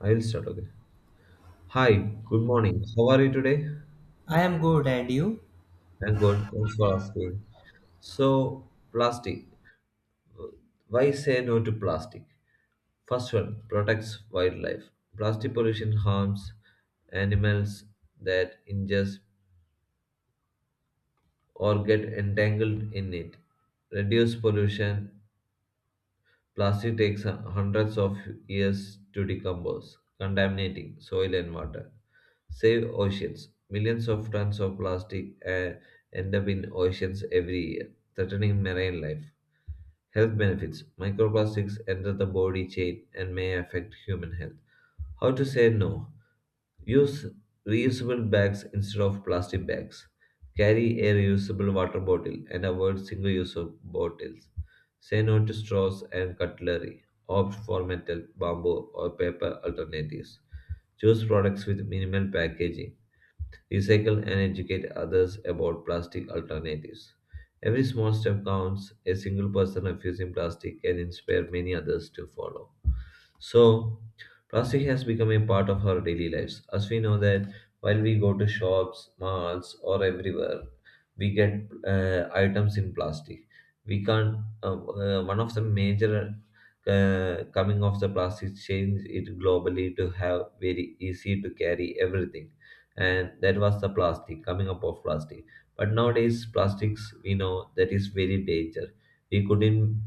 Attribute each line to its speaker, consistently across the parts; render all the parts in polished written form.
Speaker 1: I'll start. Okay. Hi, good morning. How are you today?
Speaker 2: I am good, and you?
Speaker 1: I'm good. Thanks for asking. So, plastic. Why say no to plastic? First one protects wildlife. Plastic pollution harms animals that ingest or get entangled in it. Reduce pollution. Plastic takes hundreds of years to decompose, contaminating soil and water. Save oceans. Millions of tons of plastic end up in oceans every year, threatening marine life. Health benefits. Microplastics enter the body chain and may affect human health. How to say no? Use reusable bags instead of plastic bags. Carry a reusable water bottle and avoid single use of bottles. Say no to straws and cutlery. Opt for metal, bamboo, or paper alternatives. Choose products with minimal packaging, recycle and educate others about plastic alternatives. Every small step counts. A single person refusing plastic can inspire many others to follow. So, plastic has become a part of our daily lives. As we know that while we go to shops, malls, or everywhere, we get items in plastic. We can't. Uh, One of the major coming of the plastic change it globally to have very easy to carry everything, and that was the plastic, coming up of plastic. But nowadays plastics, we know that is very danger. we couldn't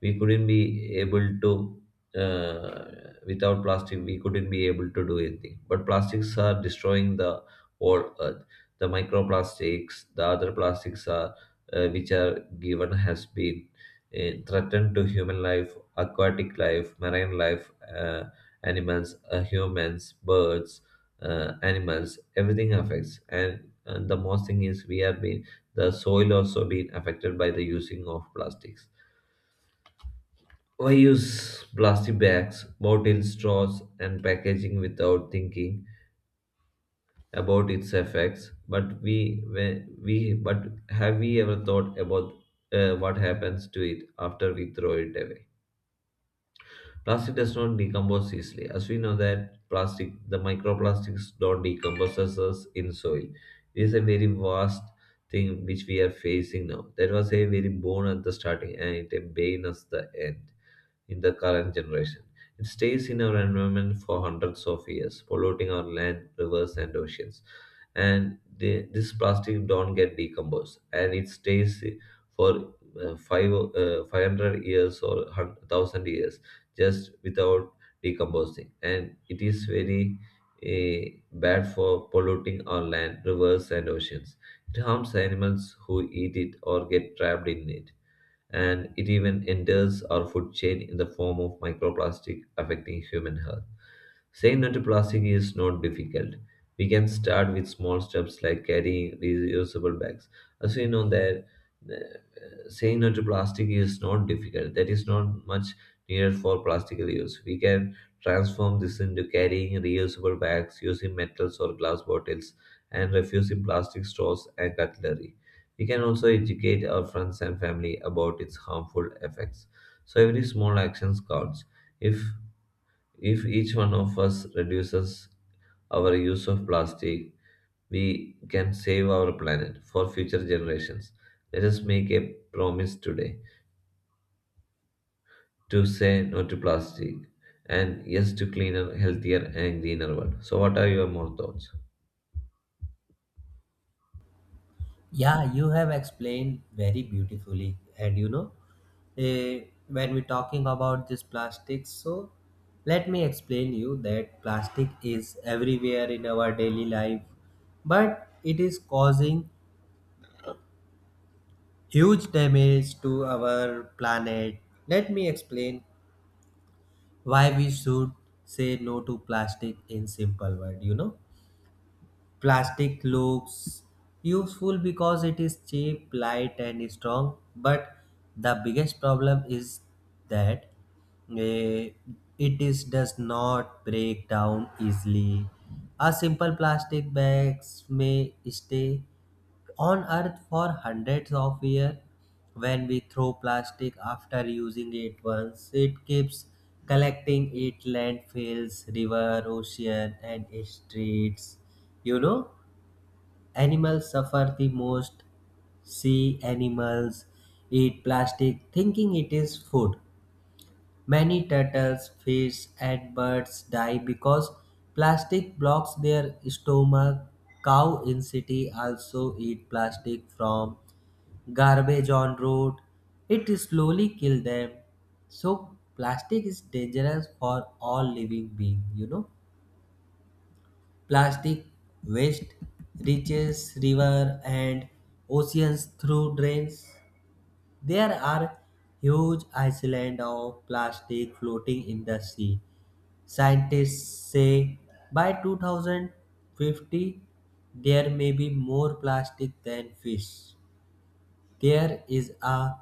Speaker 1: we couldn't be able to uh, without plastic. We couldn't be able to do anything, but plastics are destroying the whole earth. The microplastics, the other plastics are which are given, has been threatened to human life, aquatic life, marine life, animals, humans, birds, animals, everything affects, and the most thing is we have been, the soil also been affected by the using of plastics. I use plastic bags, bottles, straws, and packaging without thinking about its effects. But we but have we ever thought about what happens to it after we throw it away? Plastic does not decompose easily, as we know that plastic, the microplastics don't decompose us in soil. It is a very vast thing which we are facing now. That was a very boon at the starting and it a bane at the end in the current generation. It stays in our environment for hundreds of years, polluting our land, rivers, and oceans. And this plastic don't get decomposed, and it stays for five 500 years or 1,000 years just without decomposing. And it is very bad for polluting our land, rivers and oceans. It harms animals who eat it or get trapped in it, and it even enters our food chain in the form of microplastic, affecting human health. Saying no to plastic is not difficult. We can start with small steps like carrying reusable bags. As we know that uh, saying no to plastic is not difficult. That is not much needed for plastic use. We can transform this into carrying reusable bags, using metals or glass bottles, and refusing plastic straws and cutlery. We can also educate our friends and family about its harmful effects. So every small action counts. If if each one of us reduces our use of plastic, we can save our planet for future generations. Let us make a promise today to say no to plastic and yes to cleaner, healthier and greener world. So what are your more thoughts?
Speaker 2: Yeah, you have explained very beautifully. And you know, when we're talking about this plastics, so let me explain you that plastic is everywhere in our daily life, but it is causing huge damage to our planet. Let me explain why we should say no to plastic in simple word. You know, plastic looks useful because it is cheap, light, and strong, but the biggest problem is that eh, it is does not break down easily. A simple plastic bags may stay on earth for hundreds of years. When we throw plastic after using it once, it keeps collecting it landfills, river, ocean, and streets. You know, animals suffer the most. Sea animals eat plastic thinking it is food. Many turtles, fish, and birds die because plastic blocks their stomach. Cow in city also eat plastic from garbage on road. It slowly kill them. So plastic is dangerous for all living being, you know. Plastic waste reaches river and oceans through drains. There are huge island of plastic floating in the sea. Scientists say by 2050 there may be more plastic than fish. There is a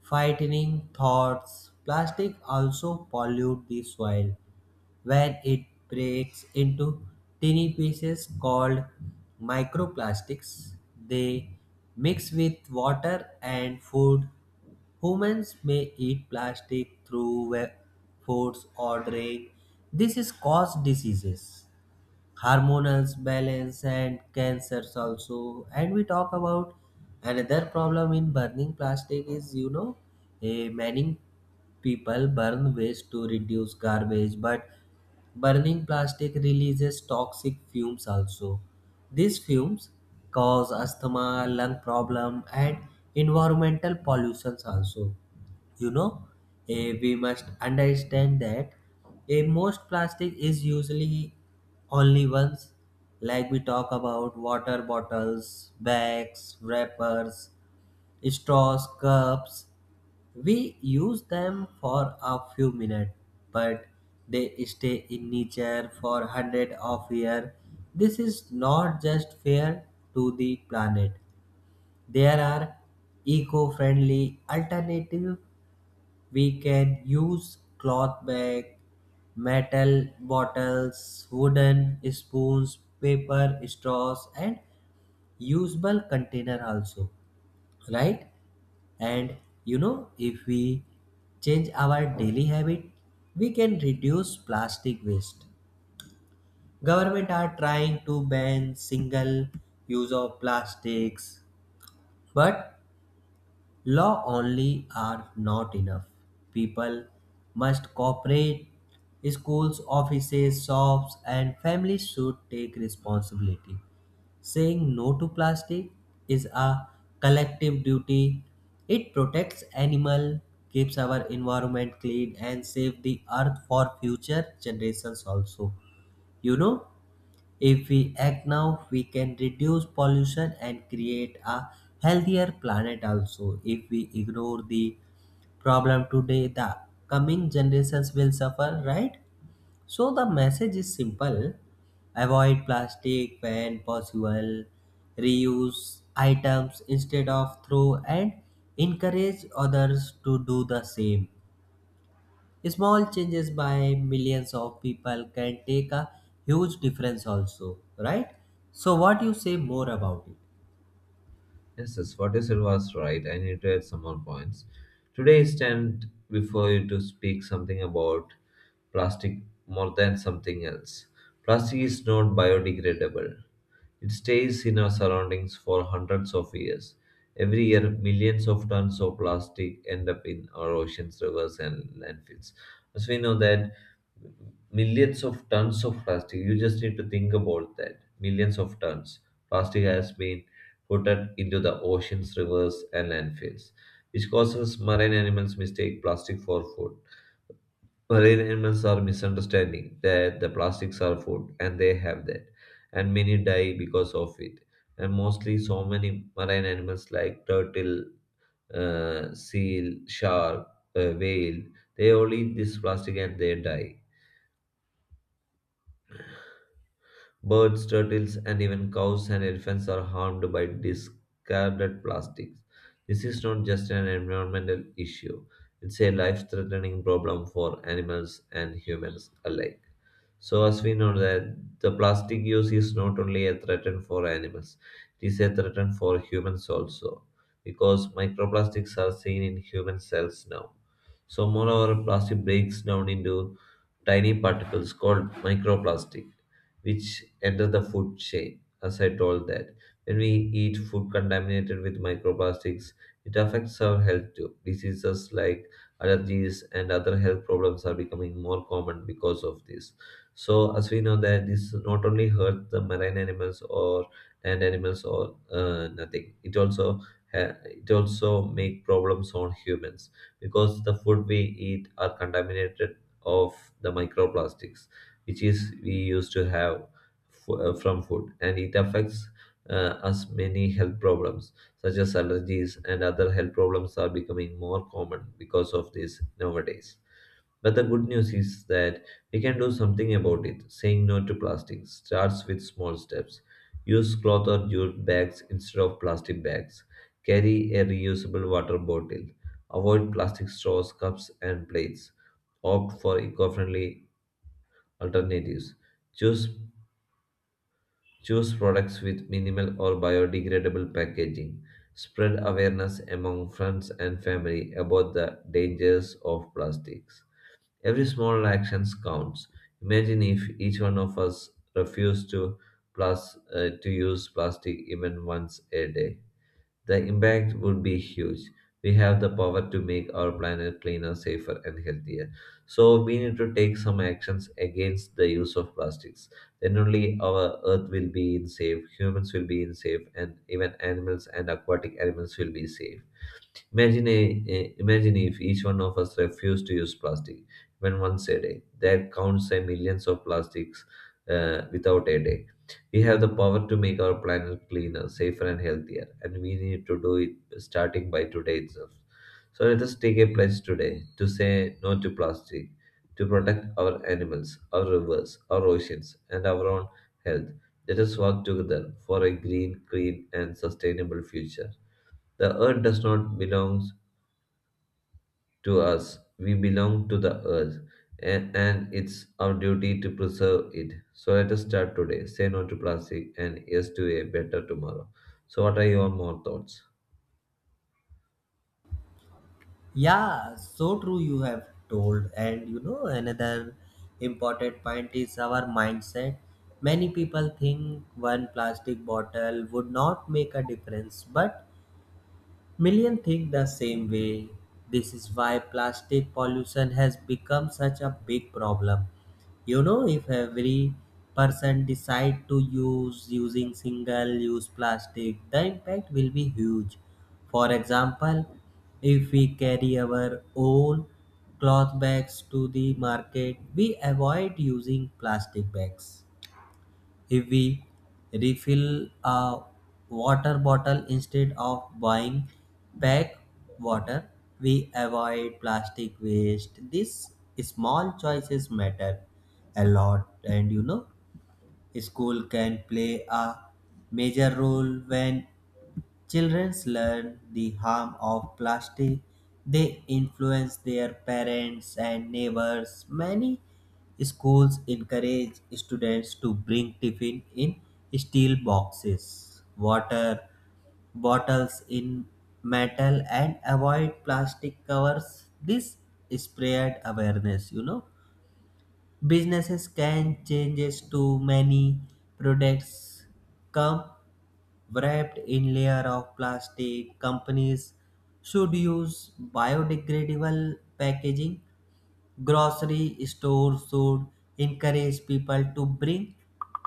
Speaker 2: frightening thought. Plastic also pollute the soil when it breaks into tiny pieces called microplastics. They mix with water and food. Humans may eat plastic through foods or drink. This is cause diseases, hormonal balance, and cancers also. And we talk about another problem in burning plastic is, you know, a many people burn waste to reduce garbage, but burning plastic releases toxic fumes also. These fumes cause asthma, lung problem, and environmental pollutions also. You know, we must understand that a most plastic is usually only once, like we talk about water bottles, bags, wrappers, straws, cups. We use them for a few minutes, but they stay in nature for hundreds of years. This is not just fair to the planet. There are eco-friendly alternatives. We can use cloth bag, metal bottles, wooden spoons, paper straws, and usable container also, right? And you know, if we change our daily habit, we can reduce plastic waste. Government are trying to ban single use of plastics, but law only are not enough. People must cooperate. Schools, offices, shops, and families should take responsibility. Saying no to plastic is a collective duty. It protects animal, keeps our environment clean, and save the earth for future generations also. You know, if we act now, we can reduce pollution and create a healthier planet also. If we ignore the problem today, the coming generations will suffer, right? So the message is simple: avoid plastic when possible, reuse items instead of throw, and encourage others to do the same. Small changes by millions of people can take a huge difference, also, right? So, what you say more about it?
Speaker 1: Yes, yes, what you said was right. I need to add some more points. Today, I stand before you to speak something about plastic, more than something else. Plastic is not biodegradable. It stays in our surroundings for hundreds of years. Every year, millions of tons of plastic end up in our oceans, rivers, and landfills. As we know that millions of tons of plastic. You just need to think about that. Millions of tons. Plastic has been put out into the oceans, rivers, and landfills, which causes marine animals mistake plastic for food. Marine animals are misunderstanding that the plastics are food, and they have that, and many die because of it. And mostly, so many marine animals like turtle, seal, shark, whale, they all eat this plastic and they die. Birds, turtles, and even cows and elephants are harmed by discarded plastics. This is not just an environmental issue, it's a life threatening problem for animals and humans alike. So, as we know that the plastic use is not only a threat for animals, it is a threat for humans also, because microplastics are seen in human cells now. So, moreover, plastic breaks down into tiny particles called microplastic which enter the food chain. As I told that, when we eat food contaminated with microplastics, it affects our health too. Diseases like allergies and other health problems are becoming more common because of this. So, as we know that this not only hurts the marine animals or land animals or nothing, it also it also make problems on humans because the food we eat are contaminated of the microplastics, which is we used to have from food, and it affects us many health problems such as allergies and other health problems are becoming more common because of this nowadays. But the good news is that we can do something about it. Saying no to plastic starts with small steps. Use cloth or jute bags instead of plastic bags. Carry a reusable water bottle. Avoid plastic straws, cups, and plates. Opt for eco friendly alternatives. Choose, choose products with minimal or biodegradable packaging. Spread awareness among friends and family about the dangers of plastics. Every small action counts. Imagine if each one of us refused to, plus, to use plastic even once a day. The impact would be huge. We have the power to make our planet cleaner, safer, and healthier. So we need to take some actions against the use of plastics. Then only our earth will be in safe, humans will be in safe, and even animals and aquatic animals will be safe. Imagine, imagine if each one of us refused to use plastic, even once a day. That counts a millions of plastics without a day. We have the power to make our planet cleaner, safer, and healthier, and we need to do it starting by today itself. So let us take a pledge today to say no to plastic, to protect our animals, our rivers, our oceans, and our own health. Let us work together for a green, clean, and sustainable future. The earth does not belong to us. We belong to the earth, and it's our duty to preserve it. So let us start today. Say no to plastic and yes to a better tomorrow. So, what are your more thoughts?
Speaker 2: Yeah, so true you have told. And you know, another important point is our mindset. Many people think one plastic bottle would not make a difference, but millions think the same way. This is why plastic pollution has become such a big problem. You know, if every person decide to use using single-use plastic, the impact will be huge. For example, if we carry our own cloth bags to the market, we avoid using plastic bags. If we refill a water bottle instead of buying pack water, we avoid plastic waste. These small choices matter a lot. And you know, school can play a major role. When children learn the harm of plastic, they influence their parents and neighbors. Many schools encourage students to bring tiffin in steel boxes, water bottles in metal, and avoid plastic covers. This spread awareness, you know. Businesses can changes to many products come wrapped in layer of plastic. Companies should use biodegradable packaging. Grocery stores should encourage people to bring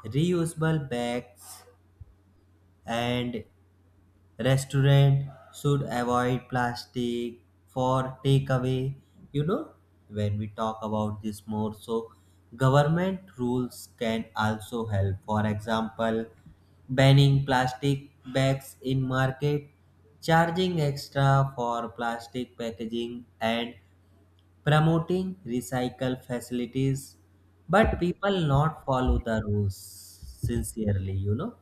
Speaker 2: reusable bags, and restaurant should avoid plastic for takeaway. You know, when we talk about this more, so government rules can also help. For example, banning plastic bags in market, charging extra for plastic packaging, and promoting recycle facilities, but people not follow the rules sincerely, you know.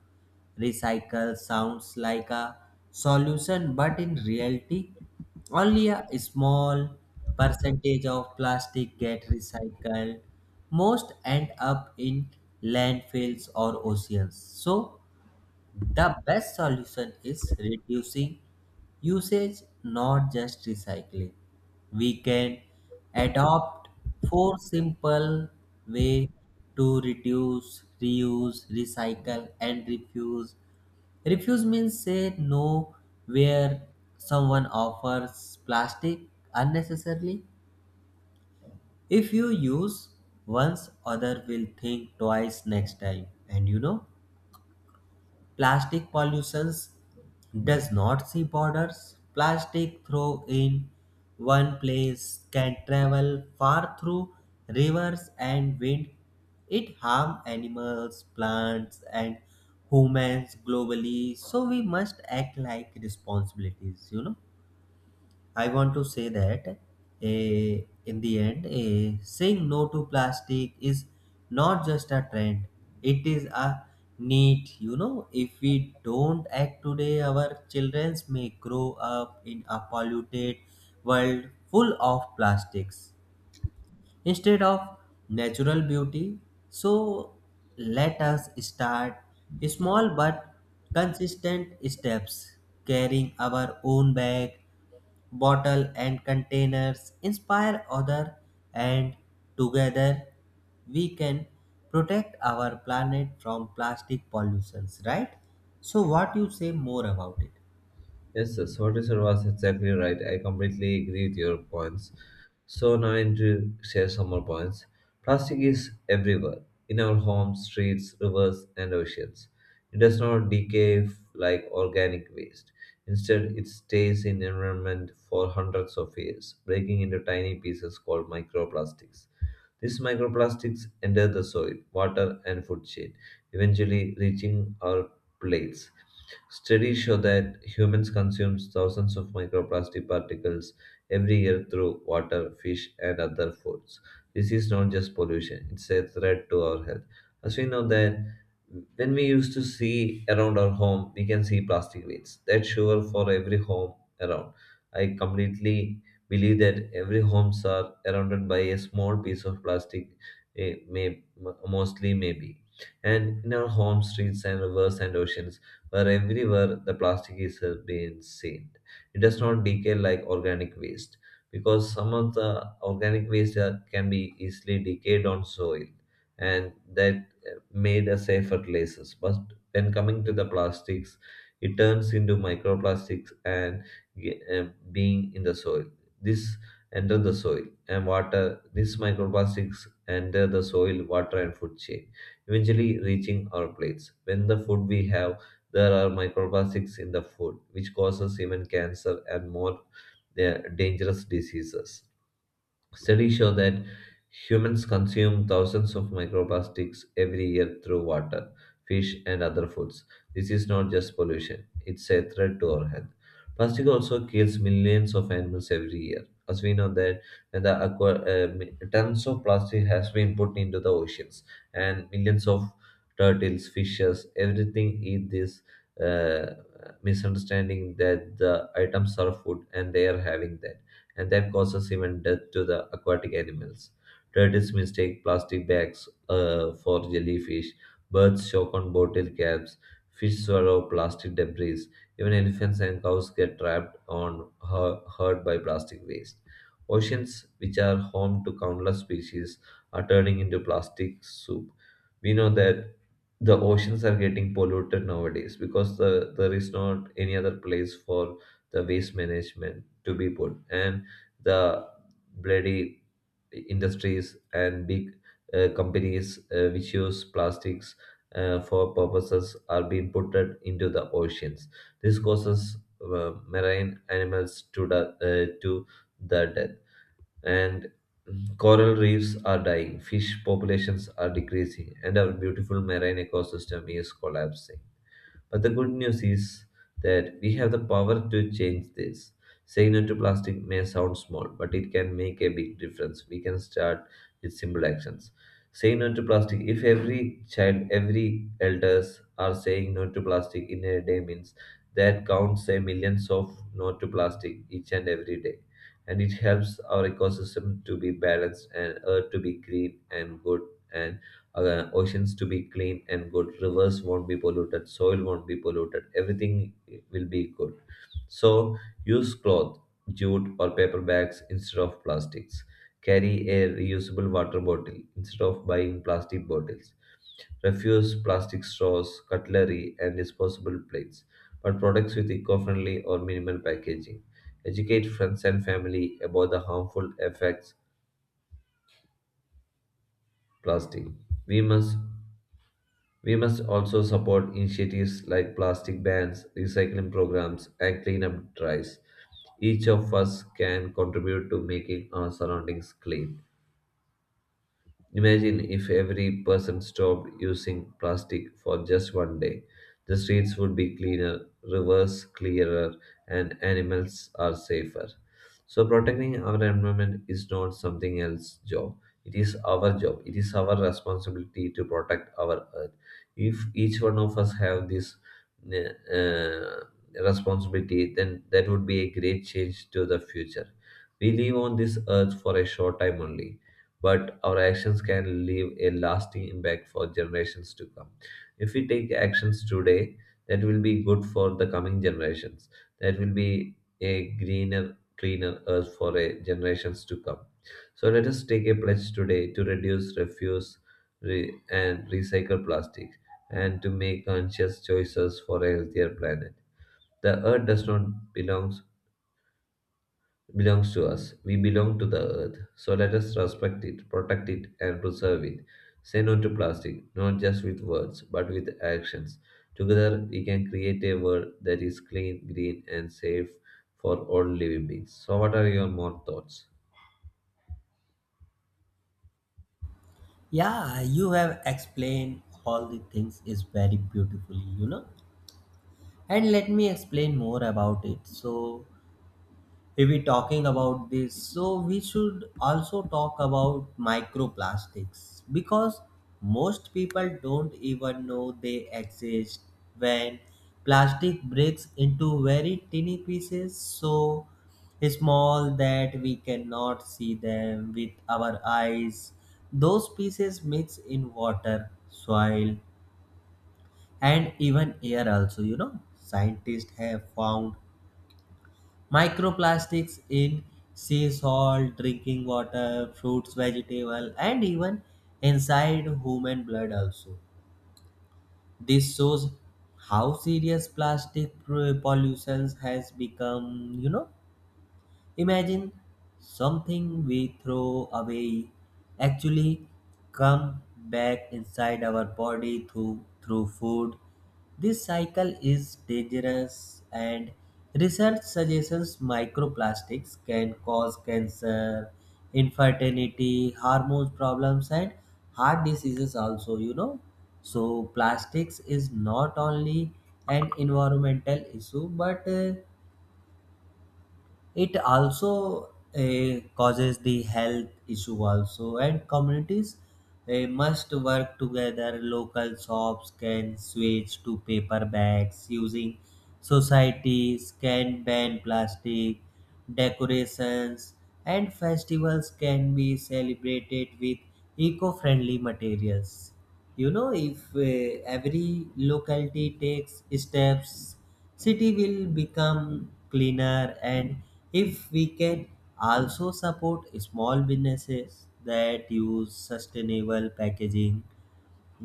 Speaker 2: Recycle sounds like a solution, but in reality, only a small percentage of plastic get recycled. Most end up in landfills or oceans. So, the best solution is reducing usage, not just recycling. We can adopt four simple way to reduce, reuse, recycle, and refuse. Refuse means say no where someone offers plastic unnecessarily. If you use once, other will think twice next time. And you know, plastic pollution does not see borders. Plastic thrown in one place can travel far through rivers and wind. It harm animals, plants, and humans globally. So we must act like responsibilities, you know. I want to say that, in the end, saying no to plastic is not just a trend, it is a need. You know, if we don't act today, our children may grow up in a polluted world full of plastics instead of natural beauty. So let us start small but consistent steps, carrying our own bag, bottle, and containers, inspire other, and together we can protect our planet from plastic pollutions. Right? So what you say more about it?
Speaker 1: Yes, yes, what you said was exactly right. I completely agree with your points. So now I need to share some more points. Plastic is everywhere in our homes, streets, rivers, and oceans. It does not decay like organic waste. Instead, it stays in environment for hundreds of years, breaking into tiny pieces called microplastics. These microplastics enter the soil, water, and food chain, eventually reaching our plates. Studies show that humans consume thousands of microplastic particles every year through water, fish, and other foods. This is not just pollution, it's a threat to our health. As we know that when we used to see around our home, we can see plastic waste. That's sure for every home around. I completely believe that every homes are surrounded by a small piece of plastic, mostly maybe. And in our homes, streets, and rivers and oceans, where everywhere the plastic is being seen. It does not decay like organic waste because some of the organic waste that can be easily decayed on soil and that made a safe fertilizers. But when coming to the plastics, it turns into microplastics and ge- uh, being in the soil. This enter the soil and water. These microplastics enter the soil, water, and food chain, eventually reaching our plates. When the food we have, there are microplastics in the food, which causes even cancer and more dangerous diseases. Studies show that humans consume thousands of microplastics every year through water, fish, and other foods. This is not just pollution, it's a threat to our health. Plastic also kills millions of animals every year. As we know that when the tons of plastic has been put into the oceans, and millions of turtles, fishes, everything eat this uh, misunderstanding that the items are food and they are having that, and that causes even death to the aquatic animals. Turtles mistake plastic bags for jellyfish, birds choke on bottle caps, fish swallow plastic debris, even elephants and cows get trapped on hurt by plastic waste. Oceans, which are home to countless species, are turning into plastic soup. We know that the oceans are getting polluted nowadays because there is not any other place for the waste management to be put. And the bloody industries and big companies which use plastics for purposes are being put into the oceans. This causes marine animals to the death, and coral reefs are dying, fish populations are decreasing, and our beautiful marine ecosystem is collapsing. But the good news is that we have the power to change this. Saying no to plastic may sound small, but it can make a big difference. We can start with simple actions. Saying no to plastic. If every child, every elders are saying no to plastic in a day means that counts a millions of no to plastic each and every day. And it helps our ecosystem to be balanced and earth to be green and good and oceans to be clean and good, rivers won't be polluted, soil won't be polluted, everything will be good. So use cloth, jute or paper bags instead of plastics, carry a reusable water bottle instead of buying plastic bottles, refuse plastic straws, cutlery and disposable plates, but products with eco-friendly or minimal packaging, educate friends and family about the harmful effects plastic. we must We must also support initiatives like plastic bans, recycling programs, and cleanup drives. Each of us can contribute to making our surroundings clean. Imagine if every person stopped using plastic for just one day. The streets would be cleaner, rivers clearer, and animals are safer. So, protecting our environment is not something else's job. It is our job. It is our responsibility to protect our earth. If each one of us have this uh, uh, responsibility, then that would be a great change to the future. We live on this earth for a short time only, but our actions can leave a lasting impact for generations to come. If we take actions today, that will be good for the coming generations. That will be a greener, cleaner earth for a generations to come. So let us take a pledge today to reduce, refuse, and recycle plastic, and to make conscious choices for a healthier planet. The earth does not belong belongs to us. We belong to the earth. So let us respect it, protect it, and preserve it. Say no to plastic, not just with words, but with actions. Together, we can create a world that is clean, green, and safe for all living beings. So, what are your more thoughts?
Speaker 2: Yeah, you have explained all the things is very beautifully. You know, and let me explain more about it. So we talking about this, so we should also talk about microplastics, because most people don't even know they exist. When plastic breaks into very tiny pieces, so small that we cannot see them with our eyes, those pieces mix in water, soil, and even air also. You know, scientists have found microplastics in sea salt, drinking water, fruits, vegetable, and even inside human blood also. This shows how serious plastic pollution has become, you know. Imagine something we throw away actually come back inside our body through food. This cycle is dangerous, and research suggests microplastics can cause cancer, infertility, hormones problems, and heart diseases also, you know. So plastics is not only an environmental issue, but it also causes the health issue also. And communities must work together. Local shops can switch to paper bags. Using societies can ban plastic decorations, and festivals can be celebrated with eco-friendly materials. You know, if every locality takes steps, city will become cleaner. And if we can also support small businesses that use sustainable packaging,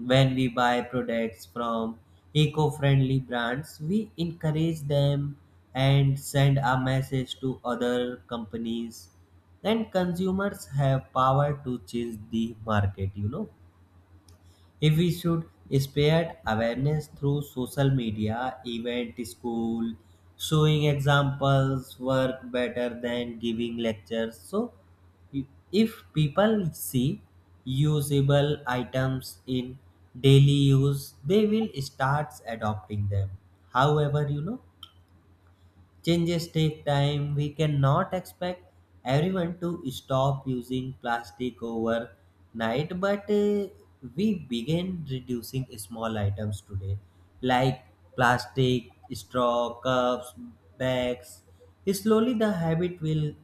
Speaker 2: when we buy products from eco-friendly brands, we encourage them and send a message to other companies. Then consumers have power to change the market, you know. If we should spread awareness through social media, event, school, showing examples work better than giving lectures. So, if people see usable items in daily use, they will start adopting them. However, you know, changes take time. We cannot expect everyone to stop using plastic overnight, but we begin reducing small items today, like plastic, straw, cups, bags. Slowly, the habit will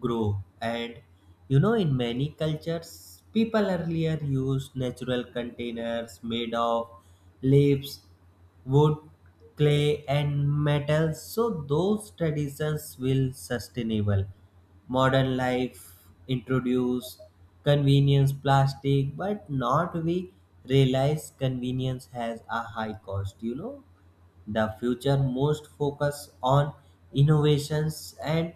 Speaker 2: grow. And you know, in many cultures people earlier used natural containers made of leaves, wood, clay, and metals. So those traditions will sustainable modern life introduce convenience plastic, but not we realize convenience has a high cost. You know, the future most focus on innovations, and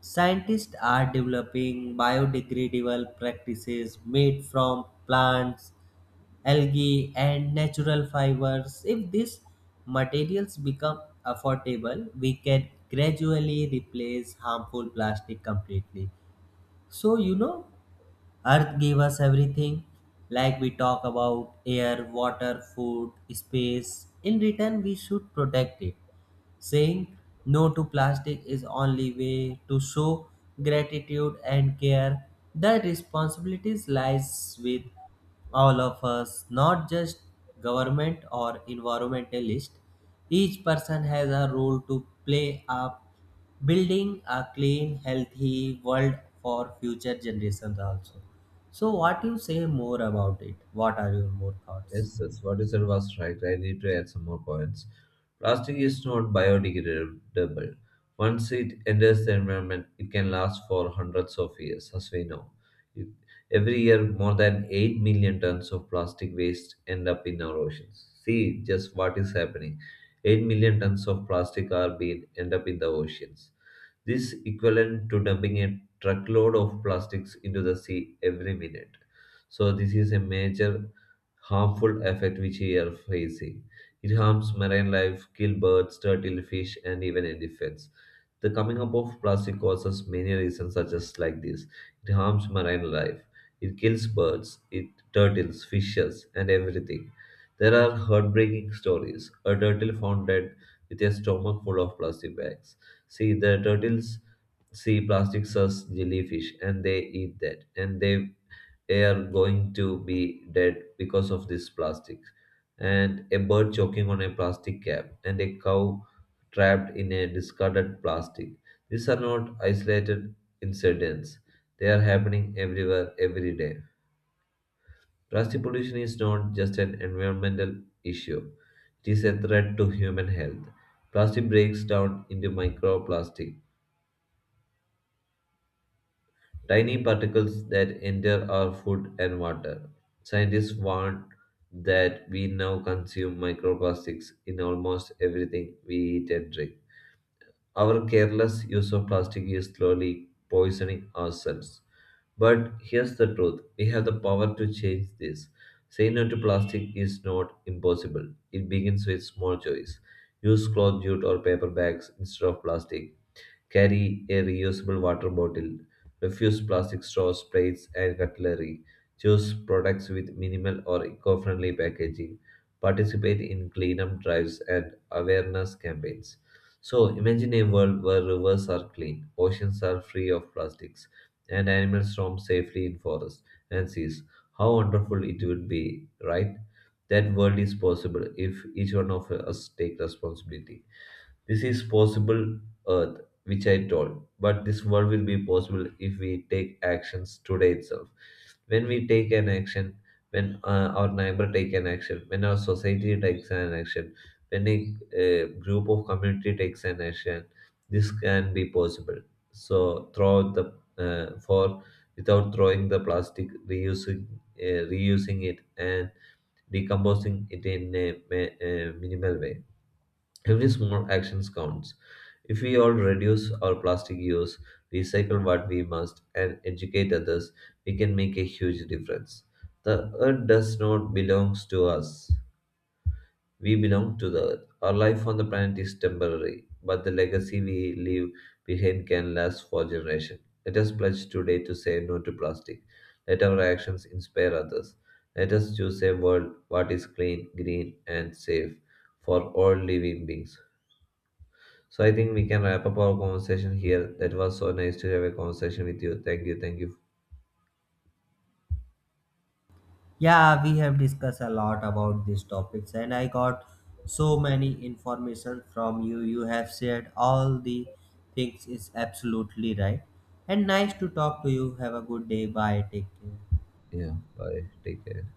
Speaker 2: scientists are developing biodegradable practices made from plants, algae, and natural fibers. If these materials become affordable, we can gradually replace harmful plastic completely. So, you know, earth gave us everything, like we talk about air, water, food, space. In return, we should protect it. Saying no to plastic is only way to show gratitude and care. The responsibilities lies with all of us, not just government or environmentalist. Each person has a role to play up building a clean, healthy world for future generations also. So what you say more about it? What are your more thoughts?
Speaker 1: Yes, that's what you said was right. I need to add some more points. Plastic is not biodegradable. Once it enters the environment, it can last for hundreds of years, as we know. It- every year, more than 8 million tons of plastic waste end up in our oceans. See just what is happening. 8 million tons of plastic are being end up in the oceans. This equivalent to dumping a truckload of plastics into the sea every minute. So this is a major harmful effect which we are facing. It harms marine life, kill birds, turtle, fish, and even elephants. The coming up of plastic causes many reasons such as like this. It harms marine life. It kills birds, it turtles, fishes, and everything. There are heartbreaking stories. A turtle found dead with a stomach full of plastic bags. See, the turtles see plastics as jellyfish and they eat that. And they are going to be dead because of this plastic. And a bird choking on a plastic cap and a cow trapped in a discarded plastic. These are not isolated incidents. They are happening everywhere, every day. Plastic pollution is not just an environmental issue. It is a threat to human health. Plastic breaks down into microplastic, tiny particles that enter our food and water. Scientists warn that we now consume microplastics in almost everything we eat and drink. Our careless use of plastic is slowly poisoning ourselves. But here's the truth, we have the power to change this. Saying no to plastic is not impossible. It begins with small choice. Use cloth, jute or paper bags instead of plastic. Carry a reusable water bottle. Refuse plastic straws, plates, and cutlery. Choose products with minimal or eco friendly packaging. Participate in cleanup drives and awareness campaigns. So, imagine a world where rivers are clean, oceans are free of plastics, and animals roam safely in forests and seas. How wonderful it would be, right? That world is possible if each one of us take responsibility. This is possible, Earth, which I told. But this world will be possible if we take actions today itself. When we take an action, when our neighbor take an action, when our society takes an action, when a group of community takes an action, this can be possible. So throw the for without throwing the plastic, reusing reusing it and decomposing it in a minimal way. Every small action counts. If we all reduce our plastic use, recycle what we must, and educate others, we can make a huge difference. The earth does not belong to us. We belong to the earth. Our life on the planet is temporary, but the legacy we leave behind can last for generations. Let us pledge today to say no to plastic. Let our actions inspire others. Let us choose a world what is clean, green, and safe for all living beings. So I think we can wrap up our conversation here. That was so nice to have a conversation with you. Thank you. Thank you.
Speaker 2: Yeah, we have discussed a lot about these topics, and I got so many information from you. You have shared all the things. Is absolutely right. And nice to talk to you. Have a good day. Bye. Take care.
Speaker 1: Yeah. Bye. Take care.